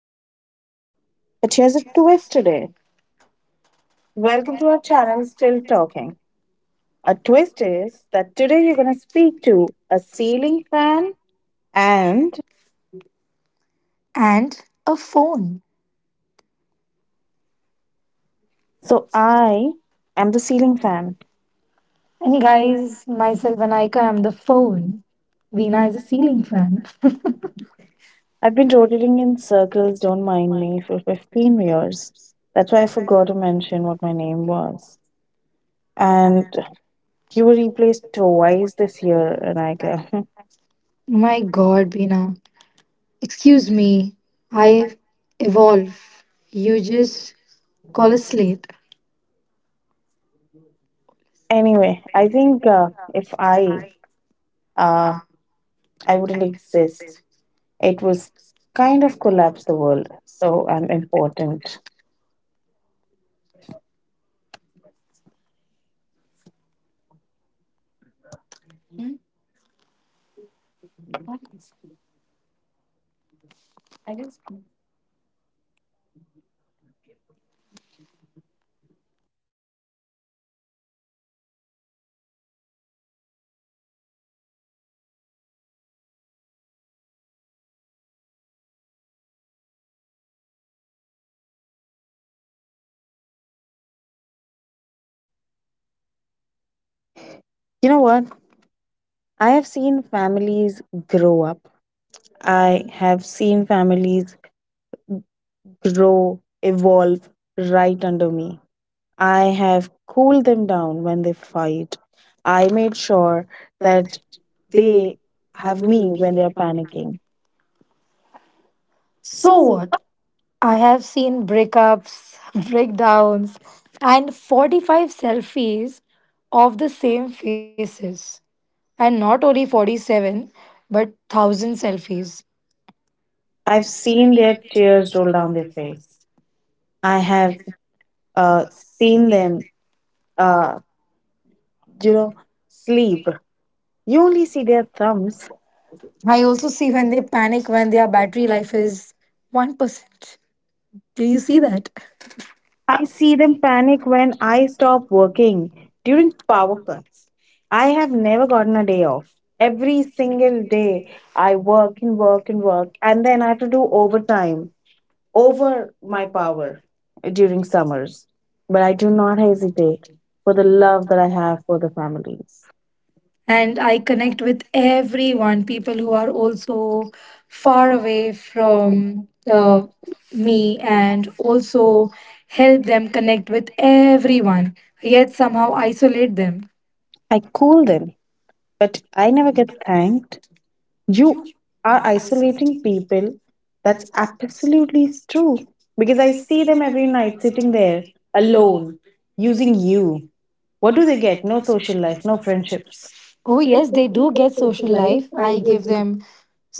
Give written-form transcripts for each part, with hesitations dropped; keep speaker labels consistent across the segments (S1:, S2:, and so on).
S1: back. But here's a twist today. Welcome to our channel, Still Talking. A twist is that today you're going to speak to a ceiling fan, and
S2: And a phone.
S1: so I am the ceiling fan.
S2: And guys, myself and Aika, I'm the
S1: Hmm,
S2: phone.
S1: Veena
S2: Veena
S1: is
S2: is a
S1: a
S2: ceiling
S1: ceiling fan.
S2: fan.
S1: I've been rotating in circles, don't mind me, for 15 years. That's why I forgot to mention what my name was. And you were replaced twice this year, Anaika. My
S2: My God,
S1: God.
S2: Bina. Excuse
S1: Usually,
S2: me.
S1: I
S2: I
S1: evolve,
S2: evolve. You
S1: usually
S2: just call us
S1: policy.
S2: late.
S1: Anyway, I think if I uh, I wouldn't exist, it was kind of collapse the world. So I'm important. You know what? I have seen families grow up. I have seen families grow, evolve right under me. I have cooled them down when they fight. I made sure that they have me when they are panicking.
S2: So
S1: So
S2: what? I have seen breakups, breakdowns, and 45 selfies of the same faces. And not only 47, but 1000 selfies.
S1: I've seen their tears roll down their face. I have uh, seen them, uh, you know, sleep. You only see their thumbs.
S2: I
S1: I also
S2: also
S1: see
S2: see
S1: when
S2: when
S1: they
S2: they
S1: panic
S2: panic
S1: when
S2: when
S1: their
S2: their
S1: battery
S2: battery
S1: life
S2: life
S1: is.
S2: is 1%. Do
S1: Can you
S2: you
S1: see
S2: see
S1: that?
S2: that?
S1: I see them panic when I stop working during power cut. I have never gotten a day off. Every single day I work and work and work, and then I have to do overtime over my power during summers, but I do not hesitate for the love that I have for the family. And
S2: And
S1: I
S2: I
S1: connect
S2: connect
S1: with
S2: with everyone,
S1: everyone,
S2: people
S1: people
S2: who
S1: who are
S2: are
S1: also
S2: also
S1: far
S2: far
S1: away
S2: away
S1: from
S2: from
S1: uh,
S2: me,
S1: me, and
S2: and
S1: also
S2: also help
S1: help them
S2: them
S1: connect
S2: connect
S1: with
S2: with
S1: everyone.
S2: everyone,
S1: Yet
S2: yet somehow
S1: somehow isolate
S2: isolate
S1: them.
S2: them.
S1: I cool them, but I never get thanked. You are isolating people. That's absolutely true because I see them every night sitting there alone, using you. What do they get? No social life, no friendships.
S2: Oh,
S1: Yes,
S2: yes,
S1: they
S2: they
S1: do
S2: do
S1: get
S2: get social
S1: social life.
S2: life.
S1: I
S2: I
S1: give
S2: give
S1: you
S2: them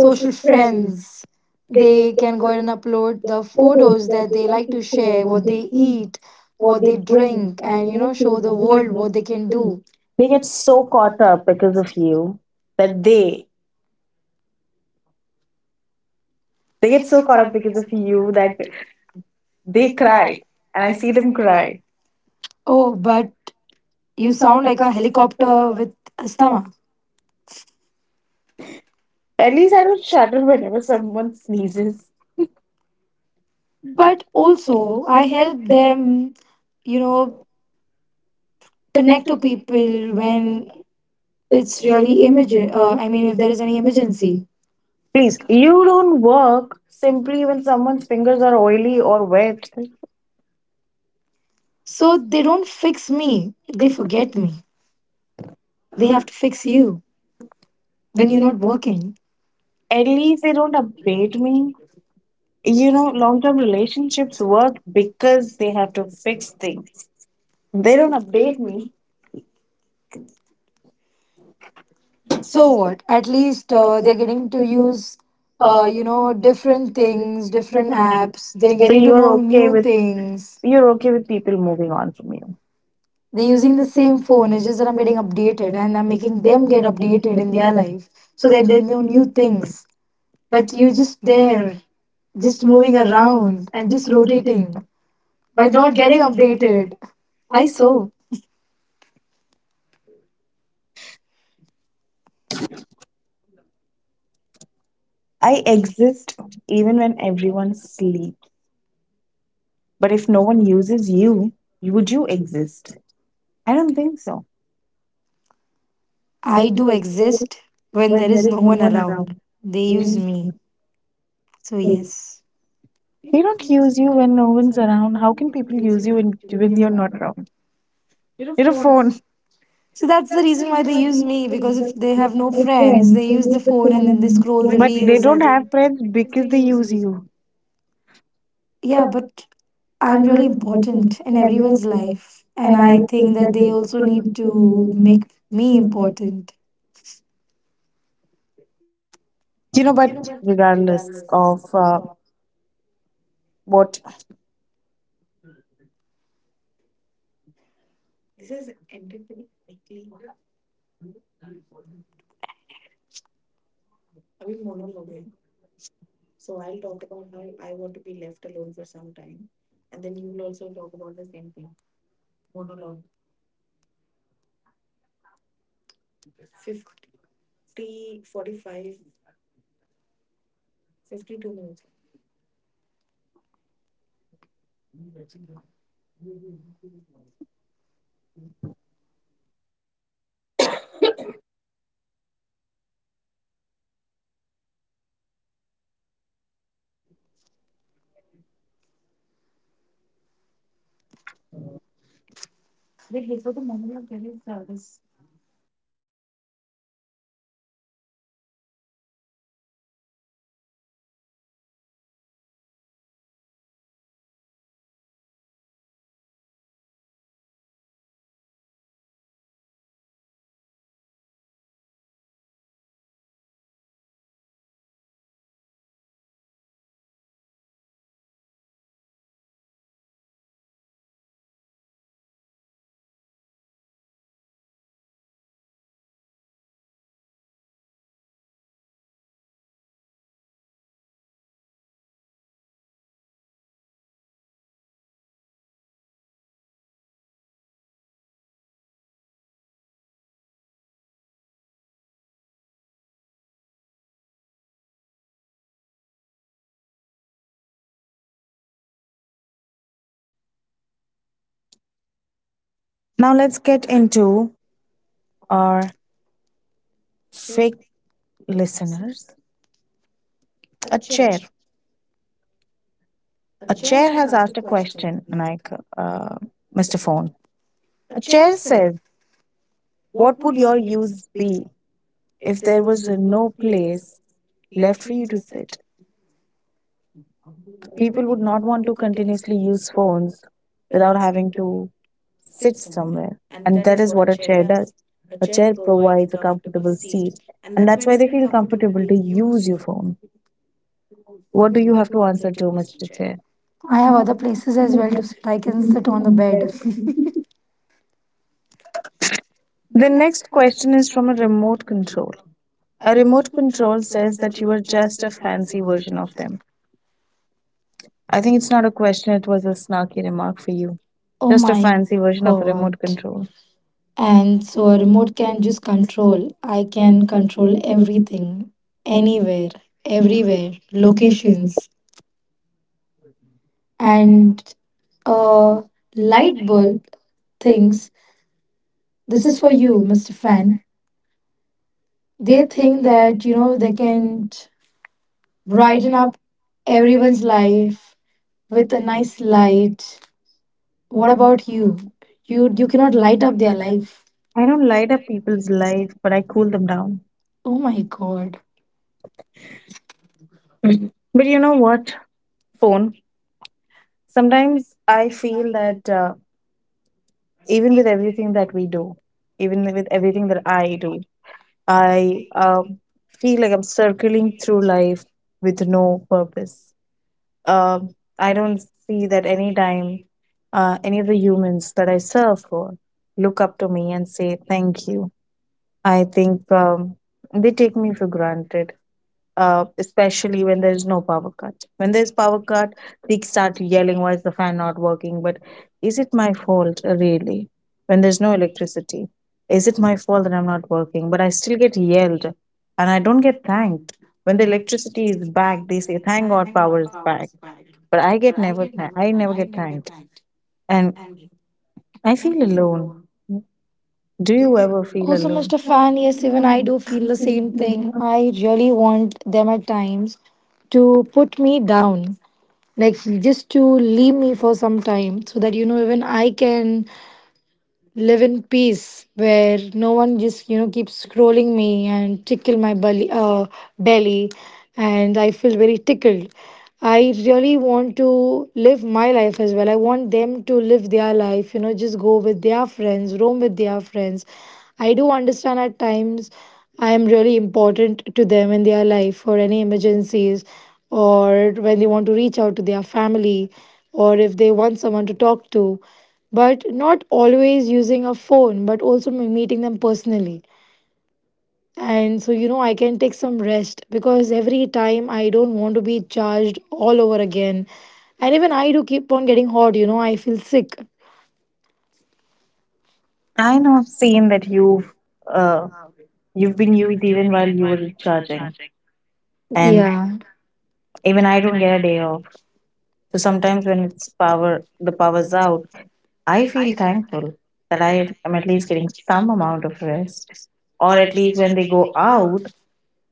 S1: social friends.
S2: friends.
S1: They
S2: They
S1: get
S2: can go
S1: one
S2: ahead and upload
S1: the
S2: the
S1: photos
S2: photos
S1: that
S2: that
S1: they
S2: they
S1: like
S2: like
S1: to
S2: to
S1: share,
S2: share,
S1: what
S2: what
S1: they
S2: they
S1: eat,
S2: eat,
S1: what
S2: what
S1: they
S2: they
S1: drink,
S2: drink,
S1: and
S2: and
S1: show
S2: show
S1: the
S2: the
S1: world
S2: world
S1: what
S2: what
S1: they
S2: they
S1: can
S2: can
S1: do.
S2: do.
S1: They get so caught up because of you that they get so caught up because of you that they cry, and I see them cry.
S2: Oh,
S1: Oh, but
S2: but you
S1: you sound
S2: sound
S1: like
S2: like
S1: a
S2: a
S1: helicopter
S2: helicopter
S1: on
S2: with
S1: someone.
S2: asthma.
S1: At least I don't shudder whenever someone sneezes. But
S2: But
S1: also,
S2: also,
S1: I
S2: I
S1: guess
S2: help
S1: then
S2: them, you
S1: you
S2: know,
S1: know, the
S2: connect
S1: neck
S2: to
S1: of people
S2: people
S1: when
S2: when it's
S1: it's really
S2: really emergent.
S1: immediate or
S2: I mean,
S1: when
S2: if there
S1: there's
S2: is any
S1: emergency.
S2: emergency.
S1: Please, you don't work simply when someone's fingers are oily or wet.
S2: So
S1: So they
S2: they don't
S1: don't pick
S2: fix
S1: me.
S2: me, they forget
S1: When
S2: me. They have to fix
S1: you
S2: you
S1: when
S2: when you're
S1: you're
S2: not
S1: not working.
S2: working.
S1: At least they don't update me. You know long term relationships work because they have to fix things. They don't update me. So
S2: So what?
S1: at
S2: At
S1: least
S2: least
S1: they
S2: they're
S1: do
S2: getting to
S1: things.
S2: use,
S1: You do different
S2: different
S1: things,
S2: things,
S1: different
S2: different
S1: apps.
S2: apps. They're
S1: So
S2: getting to know new things.
S1: you're okay with people moving on from you.
S2: They're
S1: They're using
S2: using the
S1: the same
S2: same phone.
S1: phone,
S2: It's just that
S1: different
S2: I'm
S1: way
S2: getting
S1: of data
S2: updated and
S1: and
S2: I'm
S1: making
S2: making them
S1: them get
S2: get
S1: updated
S2: updated
S1: with
S2: in
S1: their
S2: their
S1: life
S2: life
S1: so
S2: so
S1: that
S2: that they
S1: there's
S2: know
S1: a new
S2: new
S1: thing.
S2: things.
S1: But
S2: But
S1: you
S2: you're
S1: just
S2: just
S1: there,
S2: there,
S1: just
S2: just
S1: moving
S2: moving
S1: around
S2: around and
S1: and
S2: just
S1: just rotating,
S2: rotating
S1: by
S2: by
S1: not
S2: not getting
S1: getting updated.
S2: updated.
S1: I
S2: I
S1: saw.
S2: so
S1: I exist even when everyone sleeps. But if no one uses you, would you exist? I don't think so. I
S2: I
S1: do
S2: do
S1: exist
S2: exist when
S1: when
S2: there
S1: there
S2: is
S1: is
S2: no
S1: no
S2: one
S1: one
S2: around.
S1: around.
S2: They use
S1: Means
S2: me. So
S1: nothing.
S2: yes.
S1: They don't use you when no one's around. How can people use you when, you're not around? You're a phone.
S2: So that's the
S1: That's the
S2: reason
S1: reason
S2: why they
S1: why they use
S2: use me
S1: it,
S2: because
S1: because
S2: if they
S1: they
S2: have
S1: have
S2: no
S1: no
S2: friends,
S1: friends.
S2: they
S1: They
S2: use the
S1: use the
S2: phone
S1: phone
S2: and then they
S1: and
S2: scroll
S1: they
S2: the
S1: don't
S2: But they
S1: But use they use
S2: reels.
S1: don't
S2: That
S1: anything.
S2: they,
S1: Have friends
S2: friends,
S1: because
S2: they
S1: they
S2: use
S1: use
S2: you.
S1: you.
S2: Yeah,
S1: Yeah,
S2: but I'm
S1: I'm
S2: really
S1: very
S2: important
S1: important
S2: in
S1: in
S2: everyone's
S1: everyone's life,
S2: life, and
S1: and
S2: I
S1: I
S2: think
S1: think
S2: that
S1: that
S2: they
S1: they
S2: also need
S1: shouldn't
S2: to
S1: be make
S2: make me
S1: important.
S2: important.
S1: You know, but regardless of what. Now let's get into our fake listeners. A chair. A chair has asked a question, like uh, Mr. Phone. A chair says, "What would your use be if there was no place left for you to sit?" People would not want to continuously use phones without having to sit somewhere. And that is what a chair does. A chair provides a comfortable seat. And that's why they feel comfortable to use your phone. What do you have to answer to, Mr. Chair?
S2: I have other places as well to sit. I can sit on the bed.
S1: The next question is from a remote control. A remote control says that you are just a fancy version of them. I think it's not a question, it was a snarky remark for you.
S2: Oh
S1: Just a
S2: my
S1: fancy version of a
S2: God!
S1: remote control.
S2: And
S1: And the
S2: so a
S1: remote
S2: remote can
S1: can be
S2: just
S1: controlled,
S2: control. I can
S1: can
S2: control
S1: control everything,
S2: everything, anywhere,
S1: anywhere, everywhere,
S2: everywhere,
S1: location.
S2: locations.
S1: And
S2: And
S1: uh,
S2: a
S1: light
S2: light bulb
S1: bulb thinks
S2: thinks this
S1: this
S2: is
S1: is
S2: for
S1: for
S2: you,
S1: you, Mr.
S2: Mr.
S1: Fan.
S2: Fan. They
S1: They
S2: think
S1: think
S2: that
S1: that
S2: you
S1: you
S2: know
S1: know
S2: they
S1: they
S2: can
S1: can
S2: brighten
S1: brighten up
S2: up everyone's
S1: everyone's life
S2: life with
S1: with
S2: a
S1: a nice
S2: nice
S1: light.
S2: light. What
S1: What about
S2: about you?
S1: you? You
S2: You
S1: you cannot
S2: cannot
S1: light
S2: light up
S1: up
S2: their
S1: their life.
S2: life.
S1: I don't light up people's life, but I cool them down.
S2: Oh
S1: Oh my
S2: my
S1: God.
S2: God.
S1: But you know what? Phone. Sometimes I feel that even with everything that we do, even with everything that I do, I feel like I'm circling through life with no purpose. I don't see that any time any of the humans that I serve for look up to me and say thank you. I think they take me for granted, especially when there is no power cut. When there is power cut, they start yelling, "Why is the fan not working?" But is it my fault really? When there's no electricity, is it my fault that I'm not working? But I still get yelled, and I don't get thanked. When the electricity is back, they say, "Thank God, power is back." But I get never, I never get thanked, and I feel alone. Do you ever feel
S2: Also,
S1: alone?
S2: Mr. Fan, yes, even I do feel the same thing. I really want them at times to put me down, like just to leave me for some time so that, you know, even I can live in peace where no one just you know keeps scrolling me and tickle my belly belly and I feel very tickled. I really want to live my life as well. I want them to live their life, you know, just go with their friends, roam with their friends. I do understand at times I am really important to them in their life for any emergencies, or when they want to reach out to their family, or if they want someone to talk to, but not always using a phone, but also meeting them personally. And so, you know, I can take some rest because every time I don't want to be charged all over again. And even I do keep on getting hot, you know, I feel sick.
S1: I not seen that uh you've been used even while you were recharging. Yeah. And yeah,
S2: Yeah.
S1: even I don't get a day off. So sometimes when it's power the power's out, I feel thankful that I am at least getting some amount of rest. Or at least when they go out,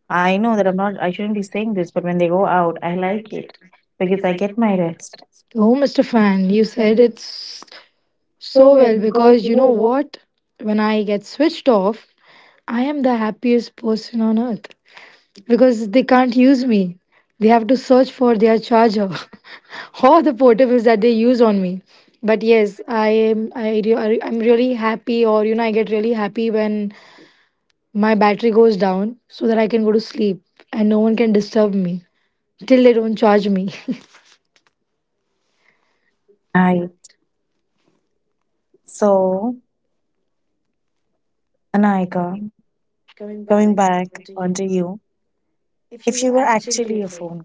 S1: I know that I shouldn't be saying this, but when they go out I like it. Because I get my rest.
S2: Oh, Mr. Fan, you
S1: You said
S2: said
S1: it
S2: it's
S1: so
S2: so
S1: well
S2: well
S1: because
S2: because
S1: you
S2: you know
S1: know.
S2: what? When I get switched off, I am the happiest person on earth, because they can't use me. They have to search for their charger or the portables that they use on me. But yes, I am I re- I'm really happy, or you know I get really happy when my battery goes down so that I can go to sleep and no one can disturb me till they don't charge me.
S1: I so Anaika, coming back onto you. If you were actually a phone,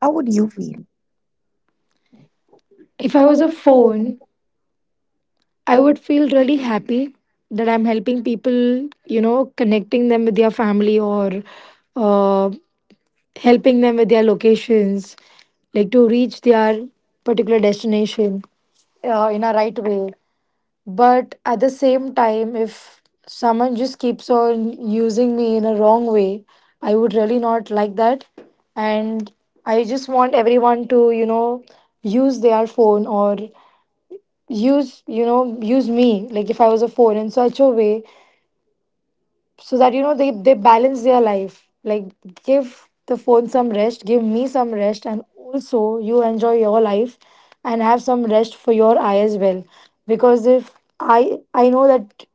S1: how would you feel?
S2: If I
S1: Would
S2: was a phone, I would feel really happy that I'm helping people, you know, connecting them with their family, or uh, helping them with their locations, like to reach their particular destination in a right way. But at the same time, if someone just keeps on using me in a wrong way, I would really not like that. And I just want everyone to, you know, use their phone, or use, you know, use me. Like if I was a phone in such a way so that you know they balance their life, like give the phone some rest, give me some rest, and also you enjoy your life and have some rest for your eye as well. Because if I know that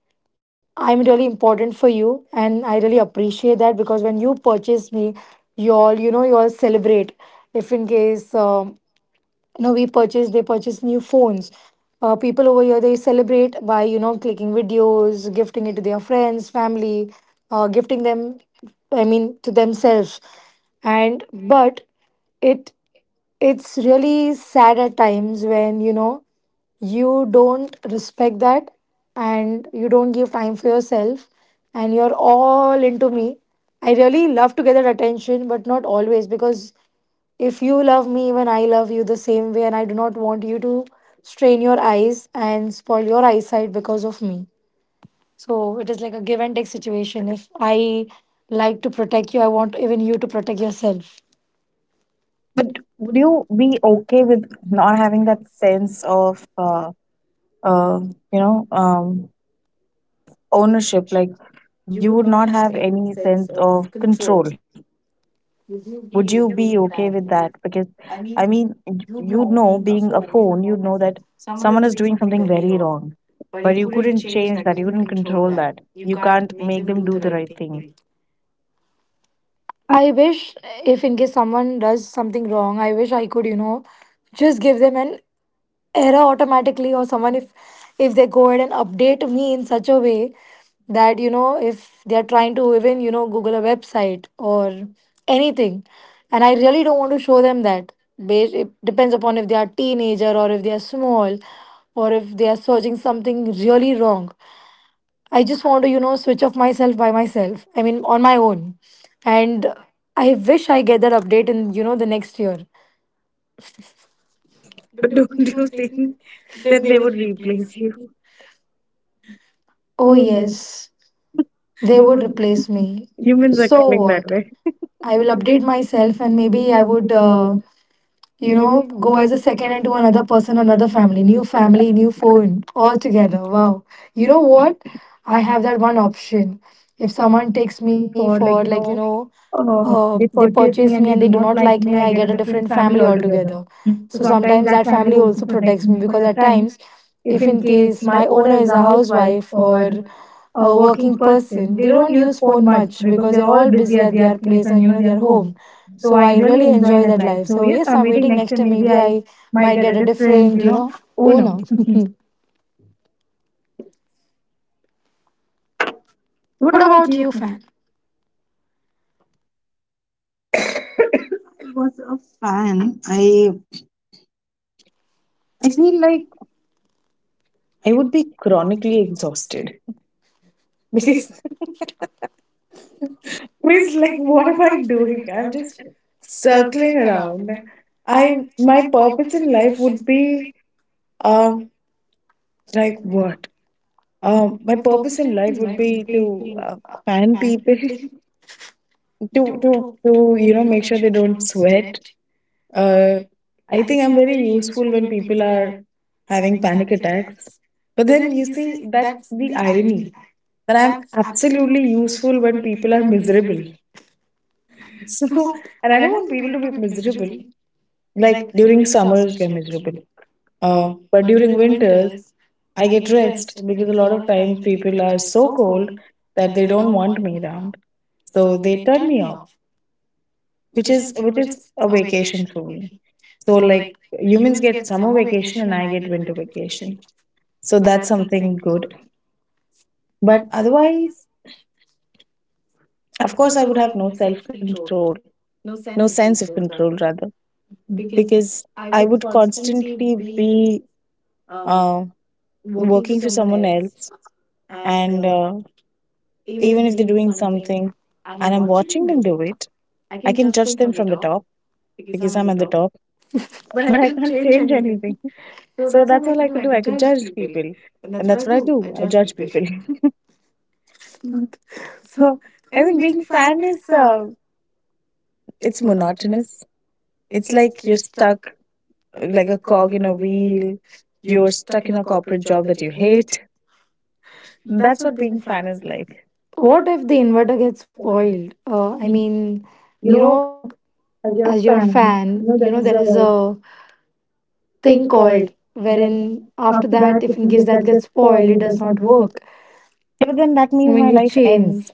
S2: I'm really important for you, and I really appreciate that because when you purchase me, you all, you know, you all celebrate if in case you know we purchase they purchase new phones. People over here they celebrate by, you know, clicking videos, gifting it to their friends, family, gifting them, I mean, to themselves. And but it it's really sad at times when you know you don't respect that, and you don't give time for yourself, and you're all into me. I really love to get that attention, but not always, because if you love me, even I love you the same way, and I do not want you to strain your eyes and spoil your eyesight because of me. So it is like a give and take situation. If I like to protect you, I want even you to protect yourself.
S1: would you be okay with not having that sense of uh, you know um, ownership? Like you would not have any sense of control. Would you be okay with that? Because I mean, you know, being a phone, you know that someone is doing something very wrong, but you couldn't change that. You couldn't control that. You can't make them do the right thing.
S2: I wish if in case someone does something wrong, I wish I could, you know, just give them an error automatically, or someone, if they go ahead and update me in such a way that, you know, if they're trying to even, you know, Google a website or anything. And I really don't want to show them that. It depends upon if they are teenager, or if they are small, or if they are searching something really wrong. I just want to, you know, switch off myself by myself. I mean, on my own. And I wish I get that update in, you know, the next year.
S1: But don't you think that they would replace
S2: Oh,
S1: you?
S2: yes. They
S1: They
S2: would
S1: would
S2: replace
S1: replace me.
S2: me. You will-
S1: Humans are So
S2: So
S1: coming So that
S2: what?
S1: way.
S2: I
S1: I will
S2: will update
S1: update myself
S2: myself, and
S1: and maybe
S2: maybe
S1: I
S2: I
S1: would,
S2: would,
S1: you
S2: you
S1: know,
S2: know,
S1: go
S2: go
S1: as
S2: as a
S1: a
S2: second
S1: second
S2: hand
S1: into
S2: to
S1: another
S2: another
S1: person,
S2: person,
S1: another
S2: another
S1: family,
S2: family,
S1: new
S2: new
S1: team,
S2: phone,
S1: all
S2: all
S1: together.
S2: together.
S1: Wow.
S2: Wow.
S1: You
S2: You
S1: know
S2: know
S1: what?
S2: what? I
S1: I have
S2: have
S1: that
S2: that
S1: one
S2: one
S1: option.
S2: option.
S1: If
S2: If
S1: someone
S2: someone
S1: takes
S2: takes me
S1: me for,
S2: for,
S1: like,
S2: like, you know, they
S1: they purchase
S2: purchase
S1: me
S2: me
S1: and
S2: and
S1: they
S2: they
S1: do
S2: do not
S1: not like
S2: like me,
S1: me, I
S2: I
S1: get
S2: get a
S1: a
S2: different
S1: different family
S2: family
S1: altogether.
S2: altogether.
S1: Mm.
S2: So
S1: So sometimes
S2: sometimes that
S1: that family
S2: family also
S1: also protects
S2: protects me
S1: me
S2: because
S1: because at
S2: at
S1: times,
S2: times, if
S1: if
S2: in
S1: in case
S2: case my
S1: my
S2: owner
S1: owner is
S2: is a
S1: a housewife
S2: housewife
S1: or
S2: or
S1: a
S2: a working
S1: working
S2: person,
S1: person, they
S2: they don't
S1: don't use
S2: use
S1: phone
S2: phone
S1: much
S2: much
S1: because
S2: because
S1: they're
S2: they're
S1: all
S2: all
S1: busy
S2: busy
S1: at
S2: at
S1: their
S2: their
S1: place
S2: place
S1: and
S2: and
S1: you
S2: you
S1: know
S2: know
S1: their
S2: their
S1: home.
S2: home.
S1: So
S2: So
S1: I
S2: I
S1: really
S2: really
S1: enjoy
S2: enjoy
S1: that
S2: that
S1: life.
S2: life.
S1: So
S2: So
S1: yes,
S2: yes,
S1: I'm
S2: I'm
S1: waiting
S2: waiting
S1: next
S2: next
S1: time.
S2: time.
S1: Maybe
S2: Maybe
S1: I
S2: I
S1: might
S2: might
S1: get
S2: get
S1: a
S2: a
S1: different,
S2: different,
S1: you
S2: you
S1: know,
S2: know,
S1: owner.
S2: owner.
S1: What
S2: What
S1: about
S2: about you,
S1: you? I
S2: fan?
S1: was a fan, I feel like I would be chronically exhausted because it's like what am I doing? I'm just circling around. I my purpose in life would be um like what. My purpose in life would be to fan people to you know make sure they don't sweat. Uh, I think I'm very useful when people are having panic attacks. But then you see that's the irony that I'm absolutely useful when people are miserable. So and I don't want people to be miserable. Like during summers, we're miserable. But during winters, I get rest because a lot of times people are so cold that they don't want me around. So they turn me off, which is a vacation for me. So like humans get summer vacation and I get winter vacation. So that's something good. But otherwise, of course, I would have no self control, no sense of control rather, because I would constantly be uh, working for someone else. And. Even if they're doing something and I'm watching them do it, I can judge them from the top because I'm at the top, but I can't change anything. So that's all I could do. I could judge people. And that's what I do. I judge people. So I think being fan is it's monotonous. It's like you're stuck like a cog in a wheel. You're stuck in a corporate job that you hate. That's what being fan is like. What
S2: What
S1: I
S2: if the
S1: think, what is
S2: inverter
S1: the
S2: gets
S1: point?
S2: spoiled? I
S1: I mean,
S2: mean, you
S1: you know,
S2: know,
S1: as
S2: as you're
S1: you're
S2: a
S1: a
S2: fan,
S1: fan,
S2: you
S1: you
S2: know,
S1: know,
S2: there
S1: there
S2: is
S1: is
S2: a
S1: a
S2: thing
S1: thing called
S2: called
S1: when
S2: wherein after
S1: after that
S2: that,
S1: if
S2: if in
S1: in
S2: case
S1: case
S2: that
S1: that just
S2: gets
S1: spoil
S2: spoiled, it
S1: it
S2: does
S1: does
S2: not
S1: not work.
S2: work. Yeah,
S1: But
S2: but
S1: then
S2: then that
S1: that
S2: I
S1: means my
S2: mean, you
S1: life ends.
S2: change.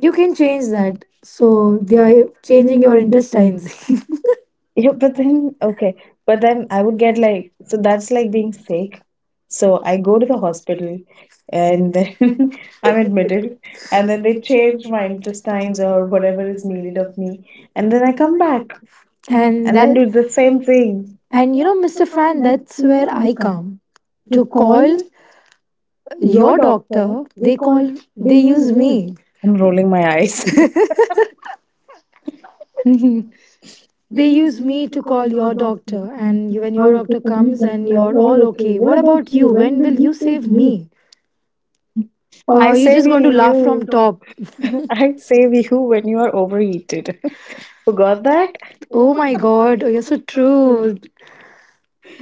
S2: You
S1: You can
S2: can change
S1: change that,
S2: that.
S1: so
S2: So they are
S1: you're changing
S2: changing your
S1: your interest.
S2: intestines.
S1: Yeah, but then okay, but then I would get like, so that's like being sick. So I go to the hospital and then I'm admitted, and then they change my intestines or whatever is needed of me, and then I come back and
S2: And
S1: then
S2: that.
S1: do
S2: Did
S1: the
S2: the
S1: same
S2: same thing.
S1: thing. And
S2: And
S1: you
S2: you
S1: know
S2: know,
S1: Mr.
S2: Mr.
S1: Fan
S2: Fan,
S1: that's
S2: that's where
S1: where I
S2: I
S1: come.
S2: come.
S1: You
S2: To
S1: call
S2: call
S1: your
S2: your
S1: doctor,
S2: doctor,
S1: they
S2: they call,
S1: call, they
S2: they
S1: use
S2: use
S1: me.
S2: me.
S1: I'm rolling my eyes. They
S2: They
S1: use
S2: use
S1: me
S2: me
S1: to
S2: to
S1: call
S2: call
S1: your
S2: your
S1: doctor,
S2: doctor,
S1: and
S2: and you- when your
S1: all of a
S2: doctor
S1: sudden
S2: comes
S1: that
S2: and
S1: we are
S2: you're
S1: all
S2: all
S1: okay.
S2: okay,
S1: What
S2: what
S1: about
S2: about
S1: you?
S2: you?
S1: When
S2: When
S1: will
S2: will
S1: you
S2: you
S1: save
S2: save
S1: me?
S2: me?
S1: Or I you
S2: Or you're
S1: save
S2: just going
S1: people
S2: to
S1: love to
S2: laugh
S1: you.
S2: from top.
S1: Talk. I save you when you are overheated. Forgot that? Oh
S2: Oh
S1: my
S2: my
S1: God,
S2: God, oh, you're
S1: this
S2: so
S1: so.
S2: true.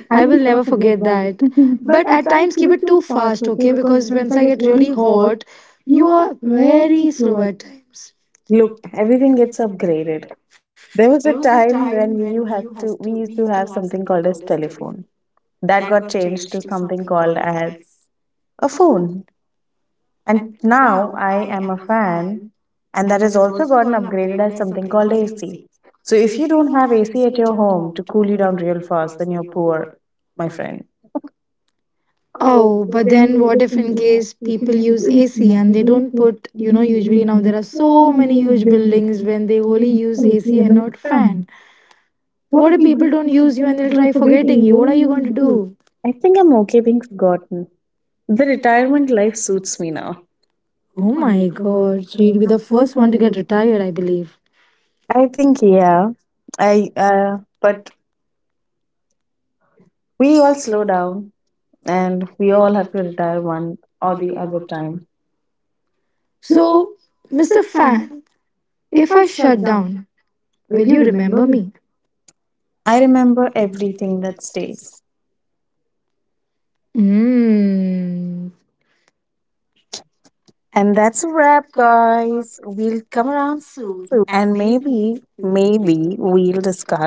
S1: I
S2: I will
S1: will never
S2: never
S1: forget
S2: forget
S1: that.
S2: that.
S1: But
S2: But
S1: at
S2: at
S1: times
S2: times,
S1: you
S2: keep
S1: were
S2: it too
S1: too fast,
S2: fast,
S1: okay?
S2: okay?
S1: Because
S2: Because
S1: once
S2: once
S1: I
S2: I
S1: get
S2: get
S1: really
S2: really
S1: hot,
S2: hot,
S1: you
S2: you
S1: are
S2: are
S1: very
S2: very slow
S1: slow.
S2: at times.
S1: Look, everything gets upgraded. There was a time when we you had to we used to have something called as telephone. That got changed to something called as a phone. And now I am a fan and that has also gotten upgraded as something called AC. So if you don't have AC at your home to cool you down real fast, then you're poor, my friend. Oh,
S2: Oh,
S1: so
S2: but
S1: then
S2: then
S1: we're
S2: what
S1: the
S2: if in
S1: thinking
S2: case
S1: people
S2: people
S1: use
S2: use AC
S1: ACM,
S2: and they
S1: don't
S2: don't
S1: put
S2: put, you know, usually now there are
S1: so
S2: so many
S1: many
S2: huge buildings
S1: businesses,
S2: when they
S1: so
S2: only use
S1: many
S2: AC
S1: people
S2: and
S1: are
S2: not
S1: not
S2: fan.
S1: what do
S2: What if
S1: people
S2: people don't
S1: think of
S2: use you and
S1: when
S2: they'll
S1: you are
S2: try forgetting
S1: forgetting?
S2: you?
S1: What do
S2: What are
S1: you
S2: you going
S1: want
S2: to
S1: to do?
S2: do?
S1: I think I'm okay being forgotten. The retirement life suits me now. Oh
S2: Oh
S1: my
S2: my
S1: god.
S2: God. So you would be the
S1: The first
S2: first one
S1: one
S2: to
S1: to
S2: get retired,
S1: returning
S2: I
S1: to me.
S2: believe.
S1: I think yeah. I but we all slow down and we all have to retire one or the other time. So,
S2: So,
S1: Mr.
S2: Mr.
S1: Fan,
S2: Fan,
S1: if
S2: if
S1: I
S2: I
S1: shut
S2: shut
S1: down,
S2: down,
S1: will
S2: will
S1: you
S2: you
S1: remember
S2: remember
S1: me?
S2: me?
S1: I remember everything that stays.
S2: Mmm.
S1: And that's a wrap, guys. We'll come around soon and maybe, maybe we'll discuss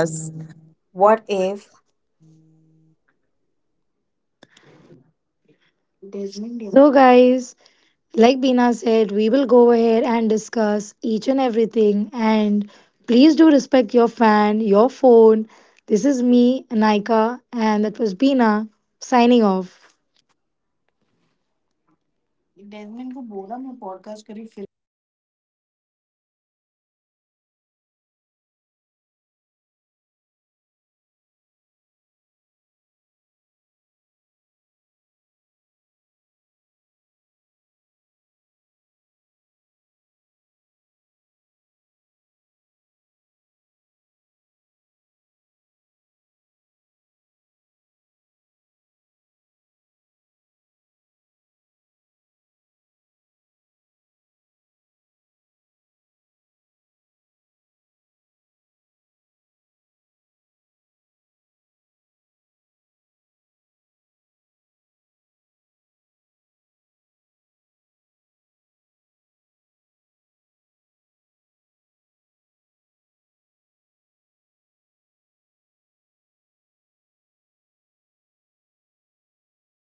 S2: So, guys, like Beena said, we will go ahead and discuss each and everything. And please do respect your fan, your phone. This is me, Anika, and that was Beena signing off.